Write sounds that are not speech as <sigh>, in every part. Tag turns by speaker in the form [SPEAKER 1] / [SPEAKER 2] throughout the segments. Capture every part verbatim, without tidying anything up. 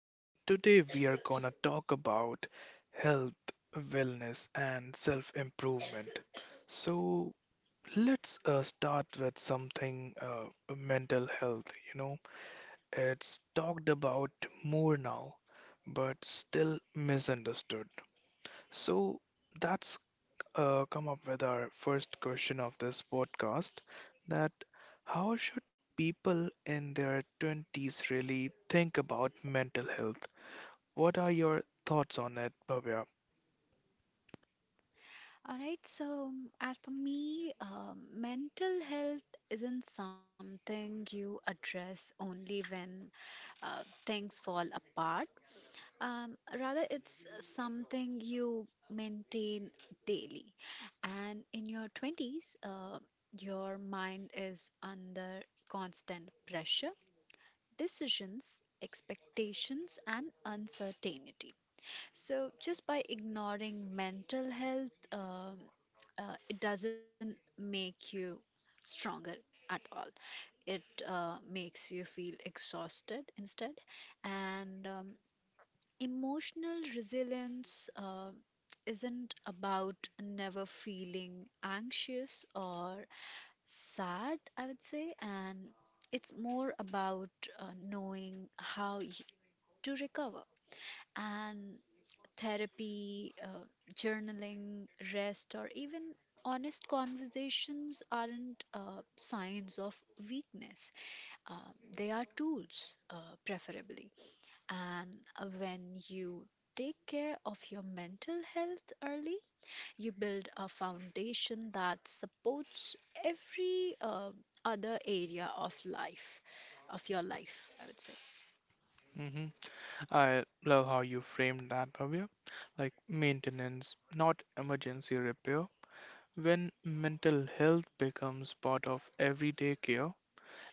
[SPEAKER 1] And today we are gonna talk about health, wellness, and self improvement. So, let's uh, start with something uh, Mental health. You know, it's talked about more now, but still misunderstood. So, that's uh, come up with our first question of this podcast that how should people in their twenties really think about mental health? What are your thoughts on it, Bhavya?
[SPEAKER 2] All right, so as for me, um, mental health isn't something you address only when uh, things fall apart. Um, rather, it's something you maintain daily. And in your twenties, uh, your mind is under constant pressure, decisions, expectations, and uncertainty. So, just by ignoring mental health, uh, uh, it doesn't make you stronger at all. It uh, makes you feel exhausted instead. And um, emotional resilience uh, isn't about never feeling anxious or sad, I would say. And it's more about uh, knowing how y- to recover. And therapy, uh, journaling, rest, or even honest conversations aren't uh, signs of weakness. Um, they are tools, uh, preferably. And uh, when you take care of your mental health early, you build a foundation that supports every uh, other area of life, of your life, I would say.
[SPEAKER 1] Hmm. I love how you framed that, Bhavya. Like maintenance, not emergency repair. When mental health becomes part of everyday care,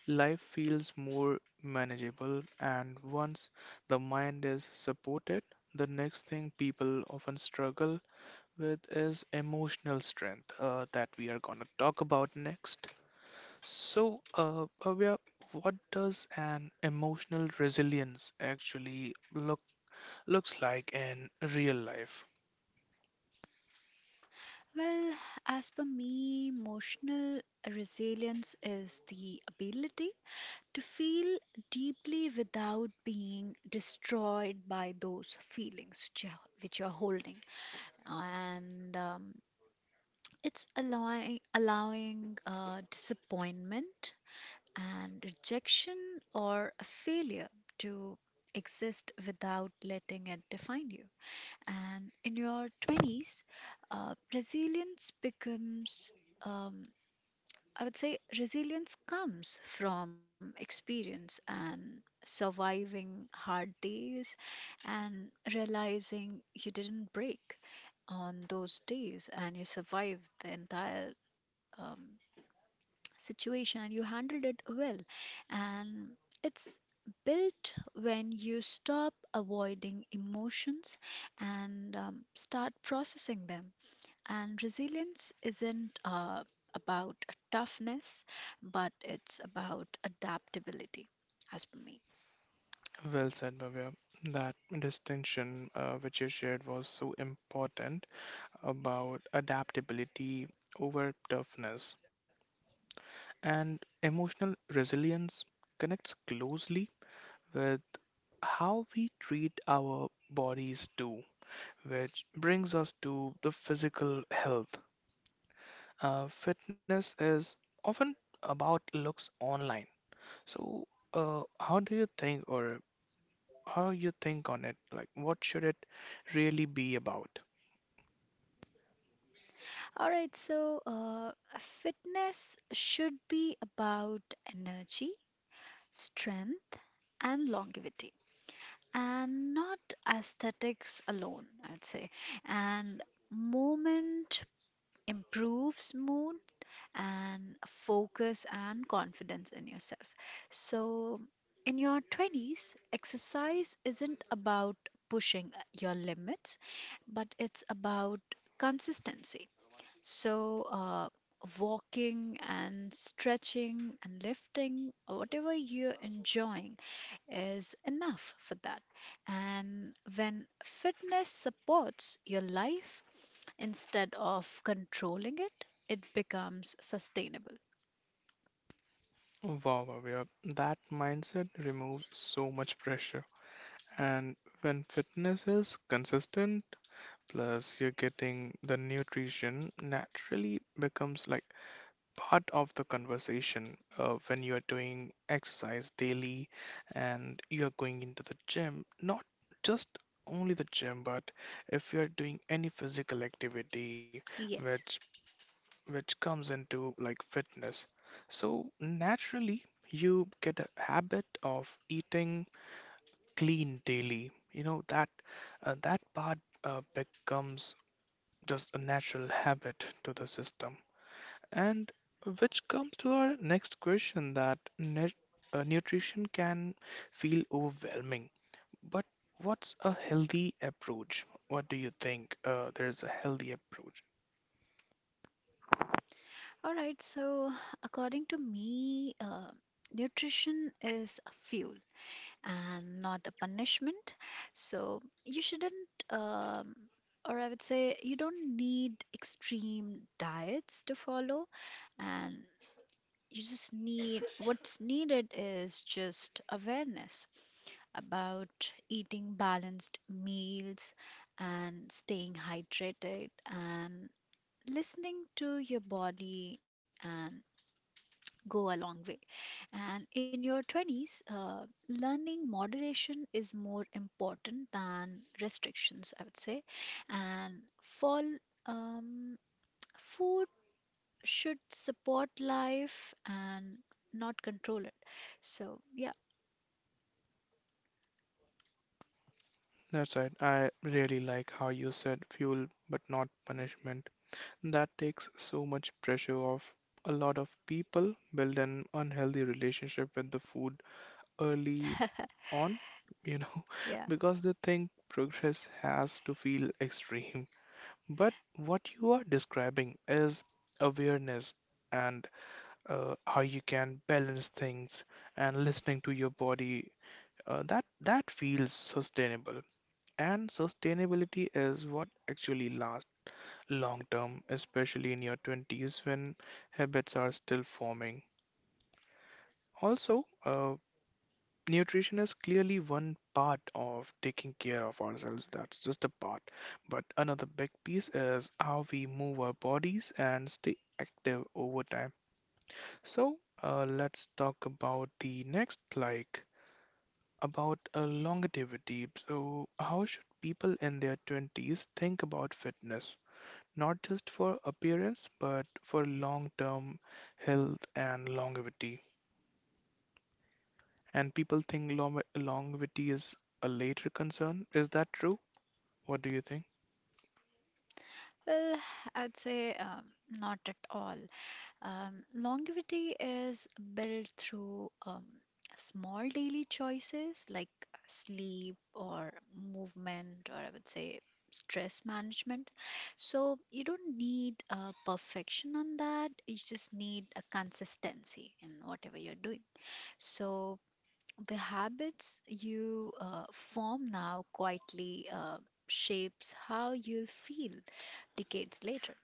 [SPEAKER 1] life feels more manageable, and once the mind is supported, the next thing people often struggle with is emotional strength uh, that we are going to talk about next. So, uh, Bhavya, what does an emotional resilience actually look looks like in real life?
[SPEAKER 2] Well, as per me, emotional resilience is the ability to feel deeply without being destroyed by those feelings which you're, which you're holding. And um, it's allowing, allowing uh, disappointment and rejection or a failure to exist without letting it define you. And in your twenties, uh, resilience becomes. Um, I would say resilience comes from experience and surviving hard days and realizing you didn't break on those days and you survived the entire um, situation and you handled it well. And it's built when you stop avoiding emotions and um, start processing them. And resilience isn't uh, about toughness, but it's about adaptability, as per me.
[SPEAKER 1] Well said, Bhavya. That distinction uh, which you shared was so important, about adaptability over toughness, and emotional resilience connects closely with how we treat our bodies too, which brings us to the physical health. Uh, fitness is often about looks online. So, uh, how do you think, or how you think on it? Like, what should it really be about?
[SPEAKER 2] All right, so uh, fitness should be about energy, strength, and longevity, and not aesthetics alone, I'd say. And movement improves mood, and focus and confidence in yourself. So, in your twenties, exercise isn't about pushing your limits, but it's about consistency. So, uh, walking and stretching and lifting, whatever you're enjoying, is enough for that. And when fitness supports your life, instead of controlling it, it becomes sustainable.
[SPEAKER 1] Wow, wow, yeah. That mindset removes so much pressure. And when fitness is consistent, plus you're getting the nutrition, naturally becomes like part of the conversation uh, when you are doing exercise daily and you're going into the gym, not just only the gym, but if you're doing any physical activity which
[SPEAKER 2] Yes.
[SPEAKER 1] which comes into like fitness. So naturally you get a habit of eating clean daily. You know that uh, that part uh, becomes just a natural habit to the system. And which comes to our next question that nut- uh, nutrition can feel overwhelming, but what's a healthy approach? What do you think? Uh, there's a healthy approach.
[SPEAKER 2] All right, so according to me, uh, nutrition is a fuel and not a punishment. So you shouldn't, um, or I would say, you don't need extreme diets to follow, and you just need what's needed is just awareness about eating balanced meals and staying hydrated and listening to your body and go a long way. And in your twenties, uh, learning moderation is more important than restrictions, I would say. And fall, um, food should support life and not control it. So, yeah,
[SPEAKER 1] That's right. I really like how you said fuel but not punishment. That takes so much pressure off. A lot of people build an unhealthy relationship with the food early
[SPEAKER 2] <laughs>
[SPEAKER 1] on, you know,
[SPEAKER 2] yeah.
[SPEAKER 1] <laughs> because they think progress has to feel extreme. But what you are describing is awareness and uh, how you can balance things and listening to your body. Uh, that that feels sustainable, and sustainability is what actually lasts long term, especially in your twenties when habits are still forming. Also, uh, nutrition is clearly one part of taking care of ourselves. That's just a part. But another big piece is how we move our bodies and stay active over time. So, uh, let's talk about the next, like about uh, longevity. So, how should people in their twenties think about fitness? Not just for appearance but for long-term health and longevity. And people think long- longevity is a later concern. Is that true? What do you think?
[SPEAKER 2] Well, I would say um, not at all. Um, longevity is built through um, small daily choices like sleep or movement, or I would say stress management. So you don't need uh, perfection on that. You just need a consistency in whatever you're doing. So the habits you uh, form now quietly uh, shapes how you'll feel decades later.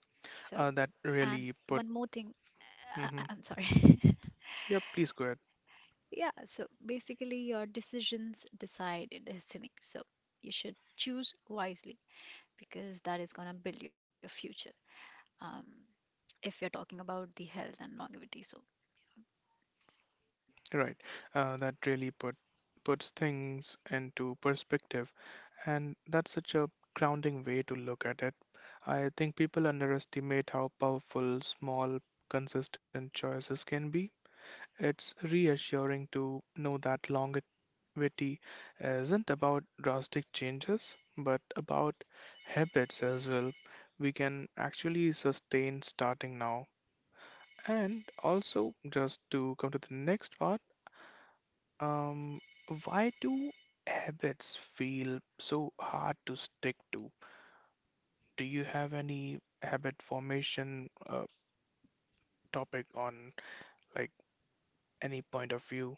[SPEAKER 2] So,
[SPEAKER 1] Uh, that
[SPEAKER 2] and
[SPEAKER 1] really
[SPEAKER 2] one more
[SPEAKER 1] put.
[SPEAKER 2] thing <laughs> I- I- I'm
[SPEAKER 1] Hmm.
[SPEAKER 2] sorry. <laughs>
[SPEAKER 1] Yeah, please go ahead.
[SPEAKER 2] Yeah, so basically, your decisions decide your destiny. So you should choose wisely because that is going to build your future. Um, if you're talking about the health and longevity, so
[SPEAKER 1] Right. Uh, that really put puts things into perspective, and that's such a grounding way to look at it. I think people underestimate how powerful small, consistent choices can be. It's reassuring to know that longevity isn't about drastic changes, but about habits as well. We can actually sustain starting now. And also, just to come to the next part, um, why do habits feel so hard to stick to? Do you have any habit formation uh, topic on like any point of view?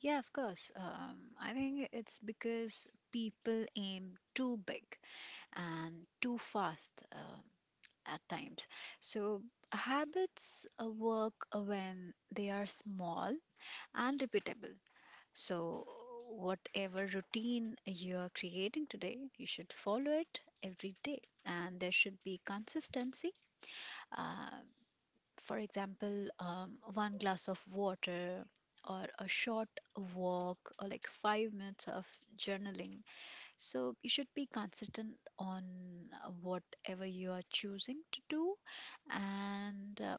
[SPEAKER 2] yeah, of course. Um, I think it's because people aim too big and too fast um at times. So habits uh, work when they are small and repeatable. So, whatever routine you are creating today, you should follow it every day, and there should be consistency. Uh, for example, um, one glass of water, or a short walk, or like five minutes of journaling. So, you should be consistent on uh, whatever you are choosing to do, and um,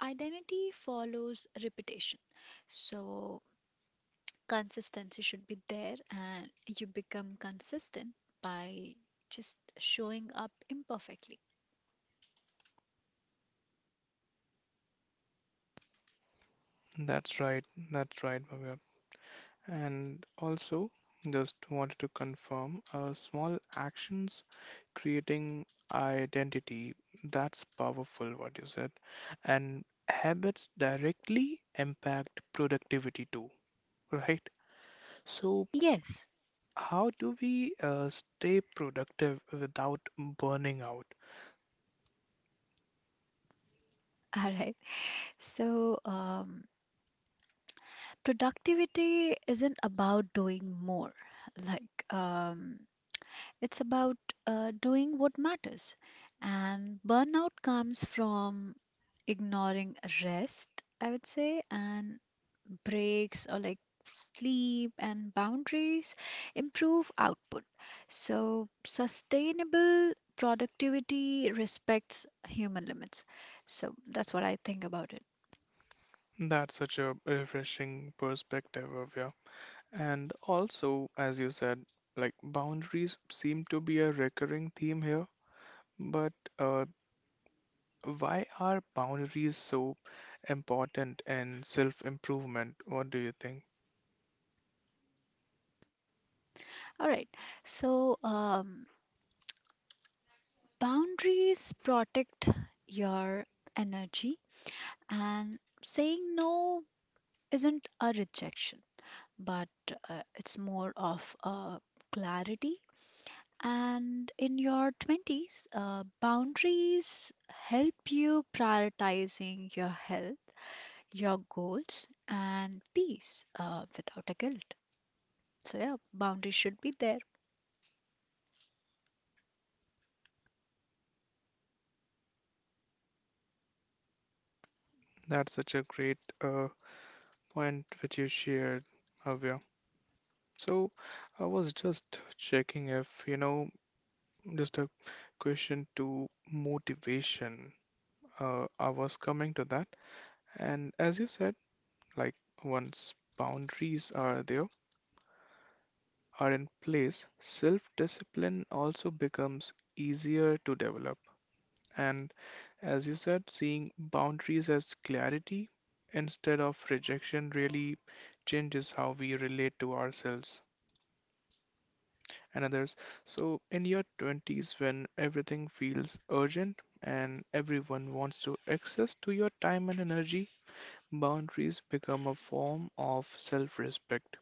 [SPEAKER 2] identity follows repetition. So, consistency should be there, and you become consistent by just showing up imperfectly.
[SPEAKER 1] That's right, that's right, Bhavya. And also, just wanted to confirm uh, small actions creating identity. That's powerful, what you said. And habits directly impact productivity too, right? So,
[SPEAKER 2] Yes.
[SPEAKER 1] how do we uh, stay productive without burning out?
[SPEAKER 2] <laughs> All right. So, um, productivity isn't about doing more. Like, um, it's about uh, doing what matters. And burnout comes from ignoring rest, I would say, and breaks or like sleep and boundaries improve output. So, sustainable productivity respects human limits. So, that's what I think about it.
[SPEAKER 1] That's such a refreshing perspective, Avya. And also, as you said, like boundaries seem to be a recurring theme here, but uh, why are boundaries so important in self improvement? What do you think?
[SPEAKER 2] All right. So, um, boundaries protect your energy, and saying no isn't a rejection, but uh, it's more of a clarity. And in your twenties, uh, boundaries help you prioritizing your health, your goals, and peace uh, without a guilt. So, yeah, boundaries should be there.
[SPEAKER 1] That's such a great uh, point which you shared, Avya. So I was just checking if, you know, just a question to motivation. Uh, I was coming to that. And as you said, like once boundaries are there, are in place, self discipline also becomes easier to develop. And as you said, seeing boundaries as clarity instead of rejection really changes how we relate to ourselves and others. So, in your twenties, when everything feels urgent and everyone wants to access to your time and energy, boundaries become a form of self respect.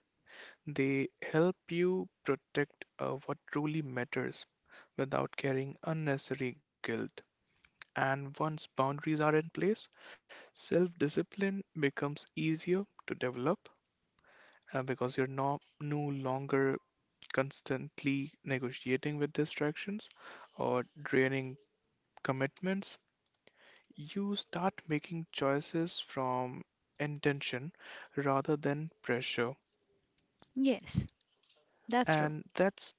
[SPEAKER 1] They help you protect uh, what truly matters without carrying unnecessary guilt. And once boundaries are in place, self discipline becomes easier to develop uh, because you're no, no longer constantly negotiating with distractions or draining commitments. You start making choices from intention rather than pressure,
[SPEAKER 2] Yes, that's true.
[SPEAKER 1] and that's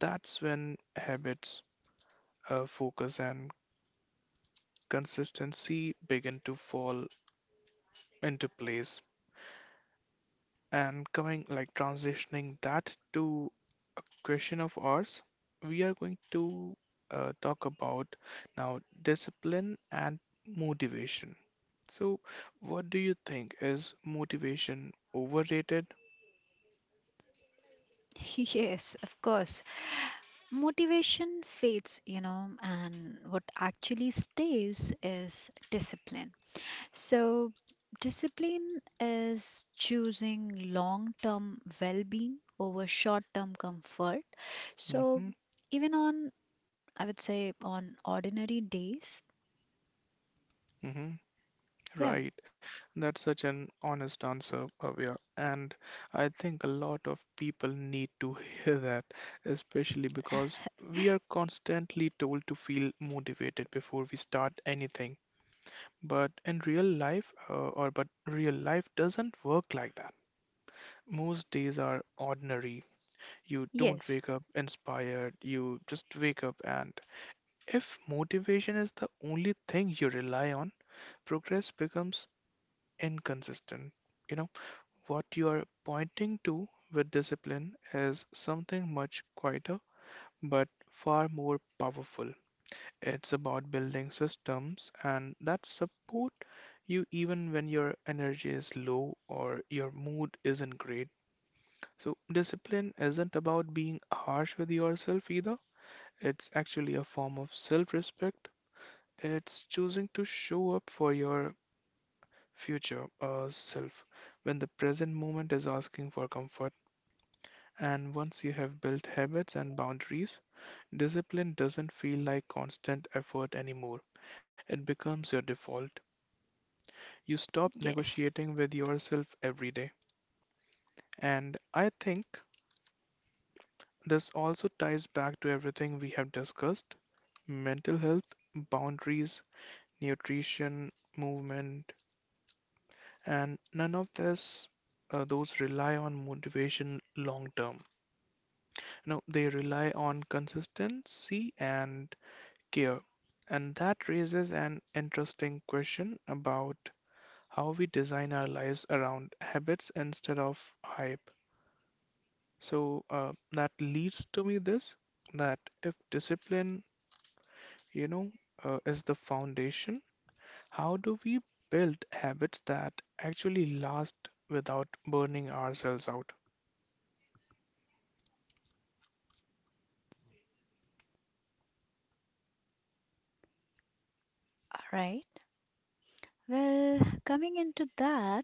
[SPEAKER 1] that's when habits, uh, focus, and consistency begin to fall into place. And coming like transitioning that to a question of ours, we are going to uh, talk about now discipline and motivation. So, what do you think? Is motivation overrated?
[SPEAKER 2] <laughs> Yes, of course. Motivation fades, you know, and what actually stays is discipline. So, discipline is choosing long term well being over short term comfort. So,
[SPEAKER 1] Mm-hmm.
[SPEAKER 2] even on, I would say, on ordinary days,
[SPEAKER 1] Mm-hmm.
[SPEAKER 2] yeah.
[SPEAKER 1] Right. That's such an honest answer, Bhavya. And I think a lot of people need to <laughs> hear that, especially because we are constantly told to feel motivated before we start anything. But in real life, uh, or but real life doesn't work like that. Most days are ordinary. You don't
[SPEAKER 2] Yes,
[SPEAKER 1] wake up inspired, you just wake up, and if motivation is the only thing you rely on, progress becomes inconsistent. You know, what you are pointing to with discipline is something much quieter but far more powerful. It's about building systems and that support you even when your energy is low or your mood isn't great. So, discipline isn't about being harsh with yourself either. It's actually a form of self respect. It's choosing to show up for your future uh, self when the present moment is asking for comfort. And once you have built habits and boundaries, discipline doesn't feel like constant effort anymore. It becomes your default. You stop
[SPEAKER 2] yes.
[SPEAKER 1] negotiating with yourself every day. And I think this also ties back to everything we have discussed: mental health, boundaries, nutrition, movement, and none of this uh, those rely on motivation long term. No, they rely on consistency and care. And that raises an interesting question about how we design our lives around habits instead of hype. So uh, that leads to me this, that if discipline, you know, uh, is the foundation, how do we build habits that actually last without burning ourselves out?
[SPEAKER 2] All right. Well, coming into that,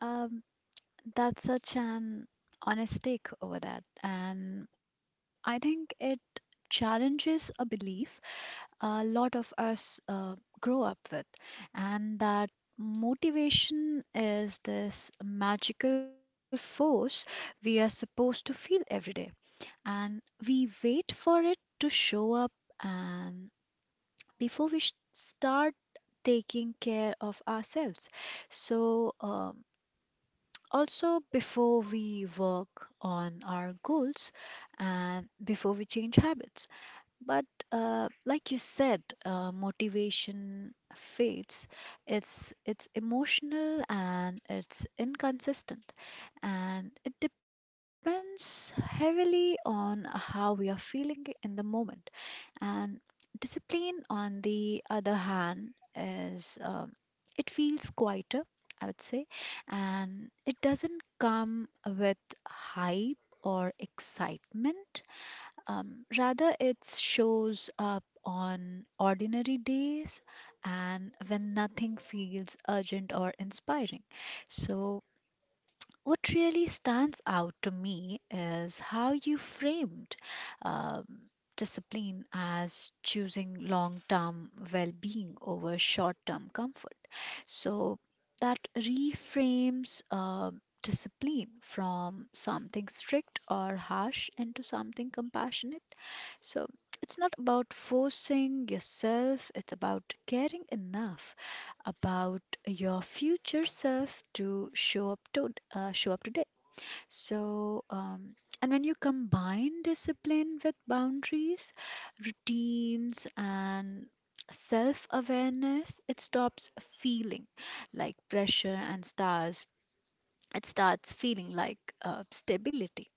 [SPEAKER 2] um, that's such an honest take over that. And I think it challenges a belief a lot of us uh, grow up with. And that motivation is this magical force we are supposed to feel every day. And we wait for it to show up, and before we sh- start taking care of ourselves. So, um, also before we work on our goals and before we change habits. But uh, like you said, uh, motivation fades. It's it's emotional and it's inconsistent, and it depends heavily on how we are feeling in the moment. And discipline, on the other hand, is um, it feels quieter, I would say, and it doesn't come with hype or excitement, um, rather, it shows up on ordinary days and when nothing feels urgent or inspiring. So, what really stands out to me is how you framed um, discipline as choosing long term well being over short term comfort. So that reframes uh, discipline from something strict or harsh into something compassionate. So it's not about forcing yourself, it's about caring enough about your future self to show up to uh, show up today. So, um, and when you combine discipline with boundaries, routines, and self awareness, it stops feeling like pressure and stars. It starts feeling like uh, stability.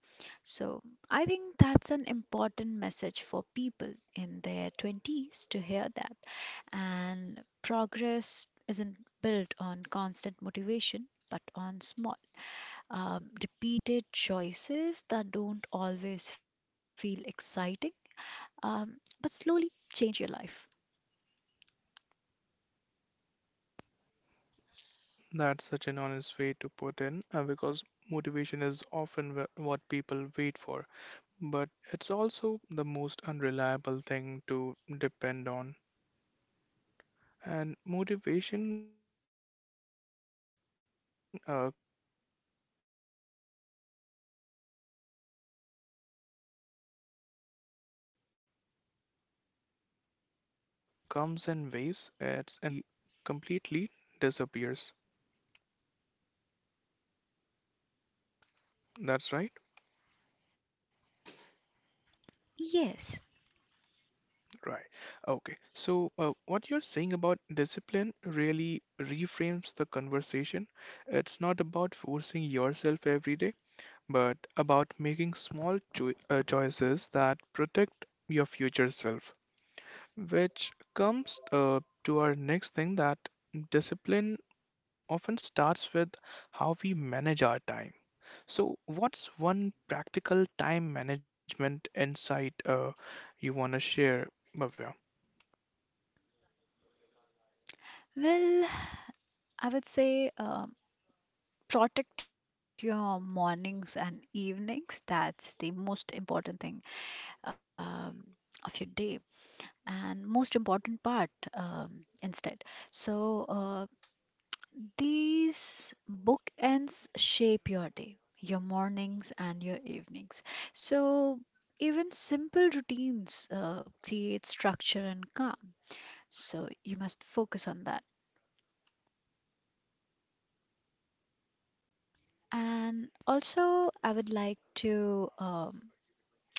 [SPEAKER 2] So, I think that's an important message for people in their twenties to hear that. And progress isn't built on constant motivation, but on small, um, repeated choices that don't always feel exciting, um, but slowly change your life.
[SPEAKER 1] That's such an honest way to put in uh, because motivation is often wh- what people wait for, but it's also the most unreliable thing to depend on. And motivation uh, comes in waves, it's influenced by mood, energy, environment, and even social media. Some days it's there, and some days it's complete, completely disappears. That's right.
[SPEAKER 2] Yes.
[SPEAKER 1] Right. Okay. So, uh, what you're saying about discipline really reframes the conversation. It's not about forcing yourself every day, but about making small choi uh, choices that protect your future self, which comes uh, to our next thing that discipline often starts with how we manage our time. So, what's one practical time management insight uh, you want to share, Bhavya?
[SPEAKER 2] Well, I would say um, protect your mornings and evenings. That's the most important thing um, of your day and most important part um, instead. So, uh, These bookends shape your day, your mornings, and your evenings. So, even simple routines uh, create structure and calm. So, you must focus on that. And also, I would like to um,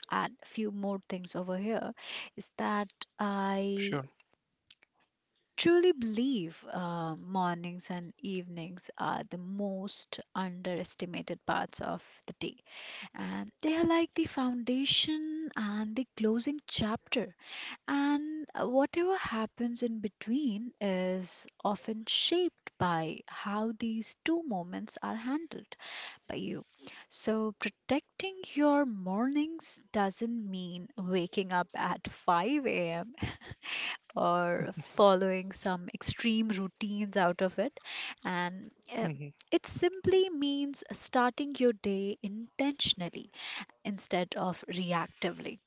[SPEAKER 2] add a few more things over here is that
[SPEAKER 1] Sure.
[SPEAKER 2] I truly believe uh, mornings and evenings are the most underestimated parts of the day, and they are like the foundation and the closing chapter, and whatever happens in between is often shaped by how these two moments are handled by you. So protecting your mornings doesn't mean waking up at five a m or following some extreme routines out of it, and uh,
[SPEAKER 1] Mhm.
[SPEAKER 2] it simply means starting your day intentionally instead of reactively.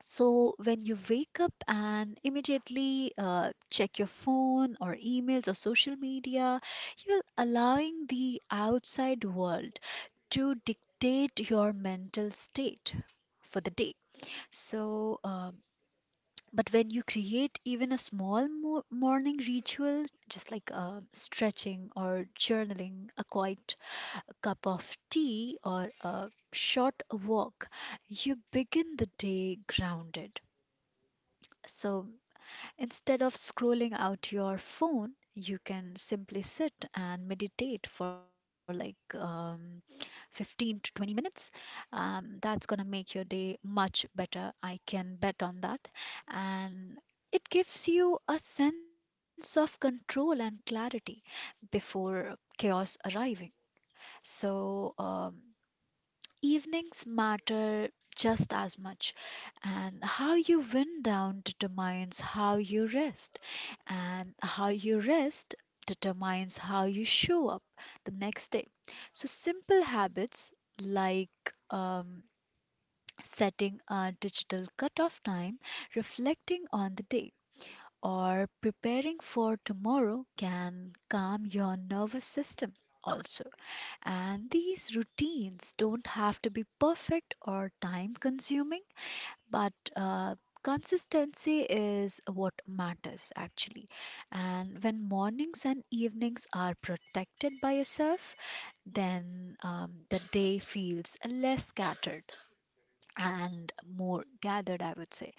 [SPEAKER 2] So, when you wake up and immediately uh, check your phone or emails or social media, you're allowing the outside world to dictate your mental state for the day. So, um, but when you create even a small mo- morning ritual, just like um stretching or journaling, a quiet cup of tea, or a short walk, you begin the day grounded. So instead of scrolling out your phone, you can simply sit and meditate for like um, fifteen to twenty minutes. Um, that's gonna make your day much better. I can bet on that. And it gives you a sense of control and clarity before chaos arriving. So, um, Evenings matter just as much, and how you wind down determines how you rest, and how you rest determines how you show up the next day. So, simple habits like um, setting a digital cutoff time, reflecting on the day, or preparing for tomorrow can calm your nervous system also. And these routines don't have to be perfect or time consuming, but uh, consistency is what matters actually. And when mornings and evenings are protected by yourself, then um, the day feels less scattered and more gathered, I would say.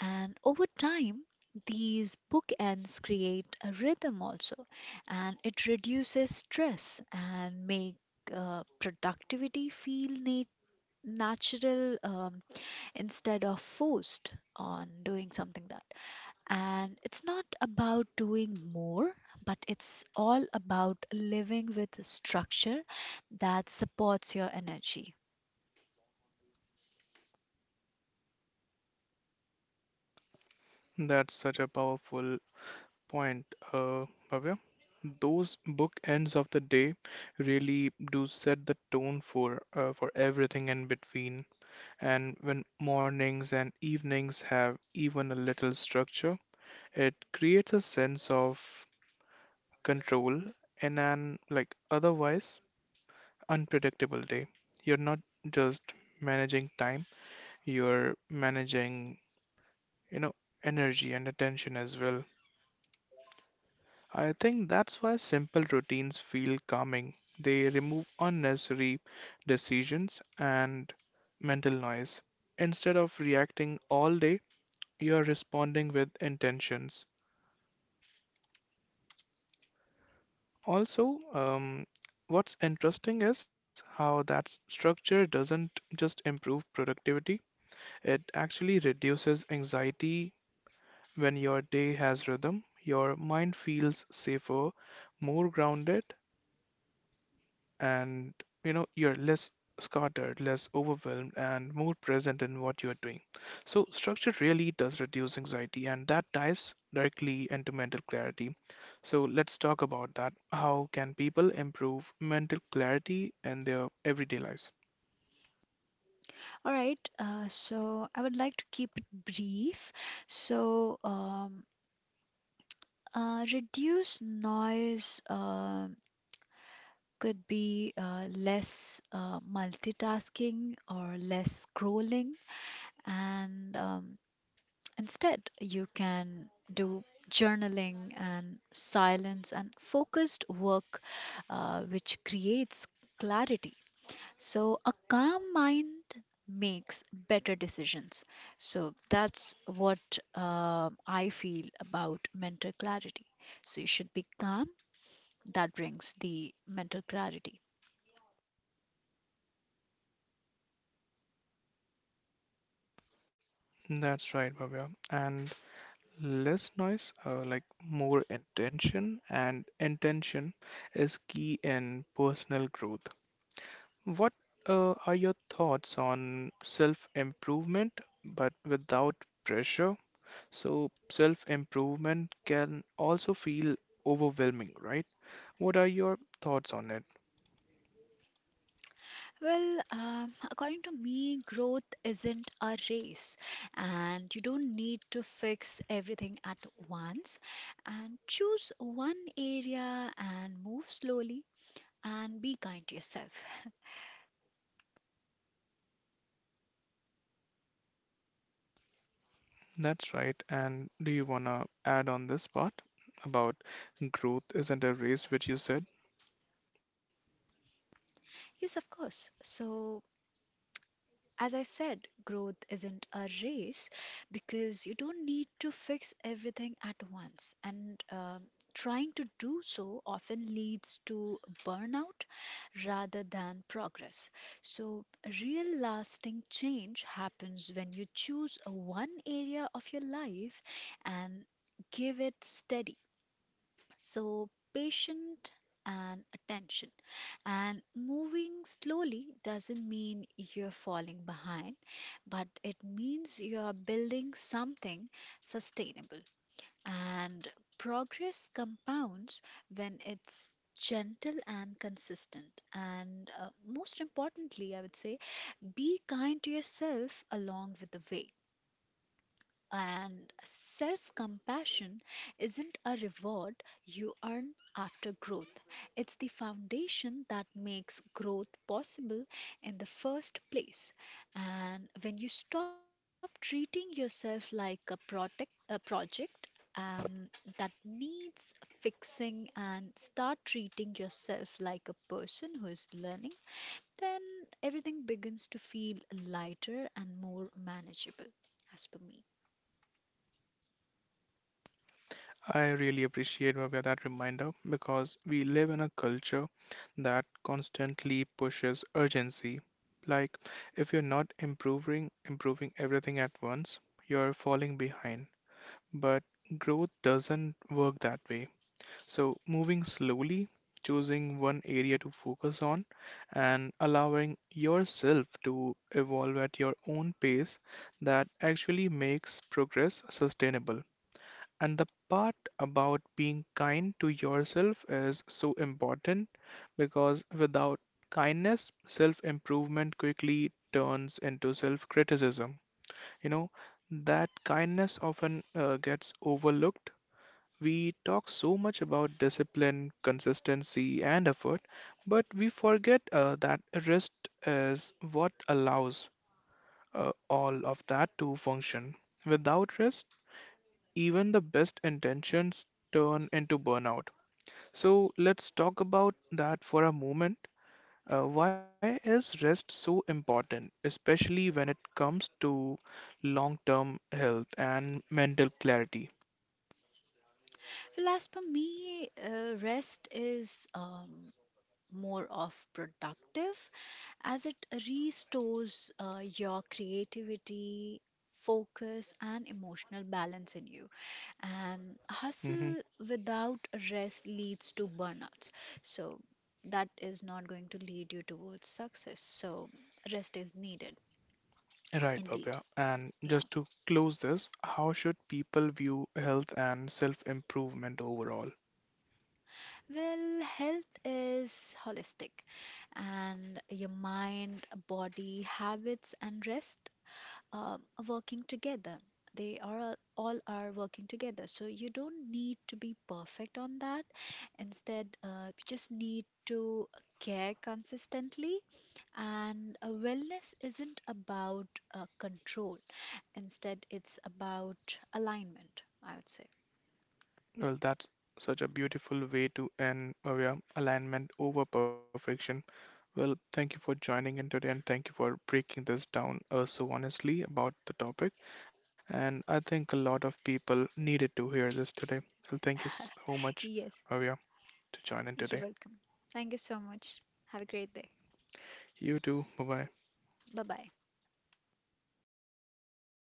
[SPEAKER 2] And over time, these bookends create a rhythm also, and it reduces stress and make uh, productivity feel nat- natural, um, instead of forced on doing something that. And it's not about doing more, but it's all about living with a structure that supports your energy.
[SPEAKER 1] That's such a powerful point, uh, Bhavya. Those bookends of the day really do set the tone for uh, for everything in between. And when mornings and evenings have even a little structure, it creates a sense of control in an like otherwise unpredictable day. You're not just managing time, you're managing, you know, energy and attention as well. I think that's why simple routines feel calming. They remove unnecessary decisions and mental noise. Instead of reacting all day, you are responding with intentions. Also, um, what's interesting is how that s- structure doesn't just improve productivity, it actually reduces anxiety. When your day has rhythm, your mind feels safer, more grounded, and you know you're less scattered, less overwhelmed and more present in what you're doing. So structure really does reduce anxiety, and that ties directly into mental clarity. So let's talk about that. How can people improve mental clarity in their everyday lives?
[SPEAKER 2] All right, uh, so I would like to keep it brief. So, um, Uh, reduce noise uh, could be uh, less uh, multitasking or less scrolling, and um, instead, you can do journaling and silence and focused work, uh, which creates clarity. So, a calm mind makes better decisions. So, that's what uh, I feel about mental clarity. So, you should be calm that brings the mental clarity?
[SPEAKER 1] That's right, Bhavya. And less noise uh, like more intention, and intention is key in personal growth. What uh, are your thoughts on self improvement but without pressure? So, self improvement can also feel overwhelming, right? What are your thoughts on it?
[SPEAKER 2] Well, um, according to me, growth isn't a race, and you don't need to fix everything at once. And choose one area and move slowly and be kind to yourself. <laughs>
[SPEAKER 1] That's right. And do you want to add on this part about growth isn't a race, which you said?
[SPEAKER 2] Yes, of course. So, as I said, growth isn't a race because you don't need to fix everything at once. And um trying to do so often leads to burnout rather than progress. So, real lasting change happens when you choose one area of your life and give it steady so patient and attention. And moving slowly doesn't mean you're falling behind, but it means you're building something sustainable. And progress compounds when it's gentle and consistent. And uh, most importantly, I would say, be kind to yourself along with the way. And self compassion isn't a reward you earn after growth, it's the foundation that makes growth possible in the first place. And when you stop treating yourself like a, protect, a project, um, that needs fixing and start treating yourself like a person who is learning, then everything begins to feel lighter and more manageable, as per me.
[SPEAKER 1] I really appreciate, Bhavya, that reminder, because we live in a culture that constantly pushes urgency. Like if you're not improving improving everything at once, you're falling behind. But growth doesn't work that way. So moving slowly, choosing one area to focus on, and allowing yourself to evolve at your own pace, that actually makes progress sustainable. And the part about being kind to yourself is so important, because without kindness, self improvement quickly turns into self criticism. You know, that kindness often uh, gets overlooked. We talk so much about discipline, consistency, and effort, but we forget uh, that rest is what allows uh, all of that to function. Without rest, even the best intentions turn into burnout. So let's talk about that for a moment. Uh, why is rest so important, especially when it comes to long-term health and mental clarity?
[SPEAKER 2] Well, as per me, uh, rest is um, more of productive as it restores uh, your creativity, focus, and emotional balance in you. And
[SPEAKER 1] Hmm.
[SPEAKER 2] hustle without rest leads to burnouts. So, that is not going to lead you towards success. So, rest is needed,
[SPEAKER 1] Right,
[SPEAKER 2] indeed.
[SPEAKER 1] Bhavya. And
[SPEAKER 2] Yeah.
[SPEAKER 1] just to close this, how should people view health and self-improvement overall?
[SPEAKER 2] Well, health is holistic, and your mind, body, habits, and rest um, are working together. They are all all are working together. So you don't need to be perfect on that. Instead, uh, you just need to care consistently. And uh, wellness isn't about uh, control. Instead, it's about alignment, I would say.
[SPEAKER 1] Well, that's such a beautiful way to end, Bhavya. Alignment over perfection. Well, thank you for joining in today and thank you for breaking this down uh, so honestly about the topic. And I think a lot of people needed to hear this today. So thank you so much,
[SPEAKER 2] <laughs> Yes.
[SPEAKER 1] Bhavya, to join in
[SPEAKER 2] You're
[SPEAKER 1] today.
[SPEAKER 2] welcome. Thank you so much. Have a great day.
[SPEAKER 1] You too. Bye bye.
[SPEAKER 2] Bye bye.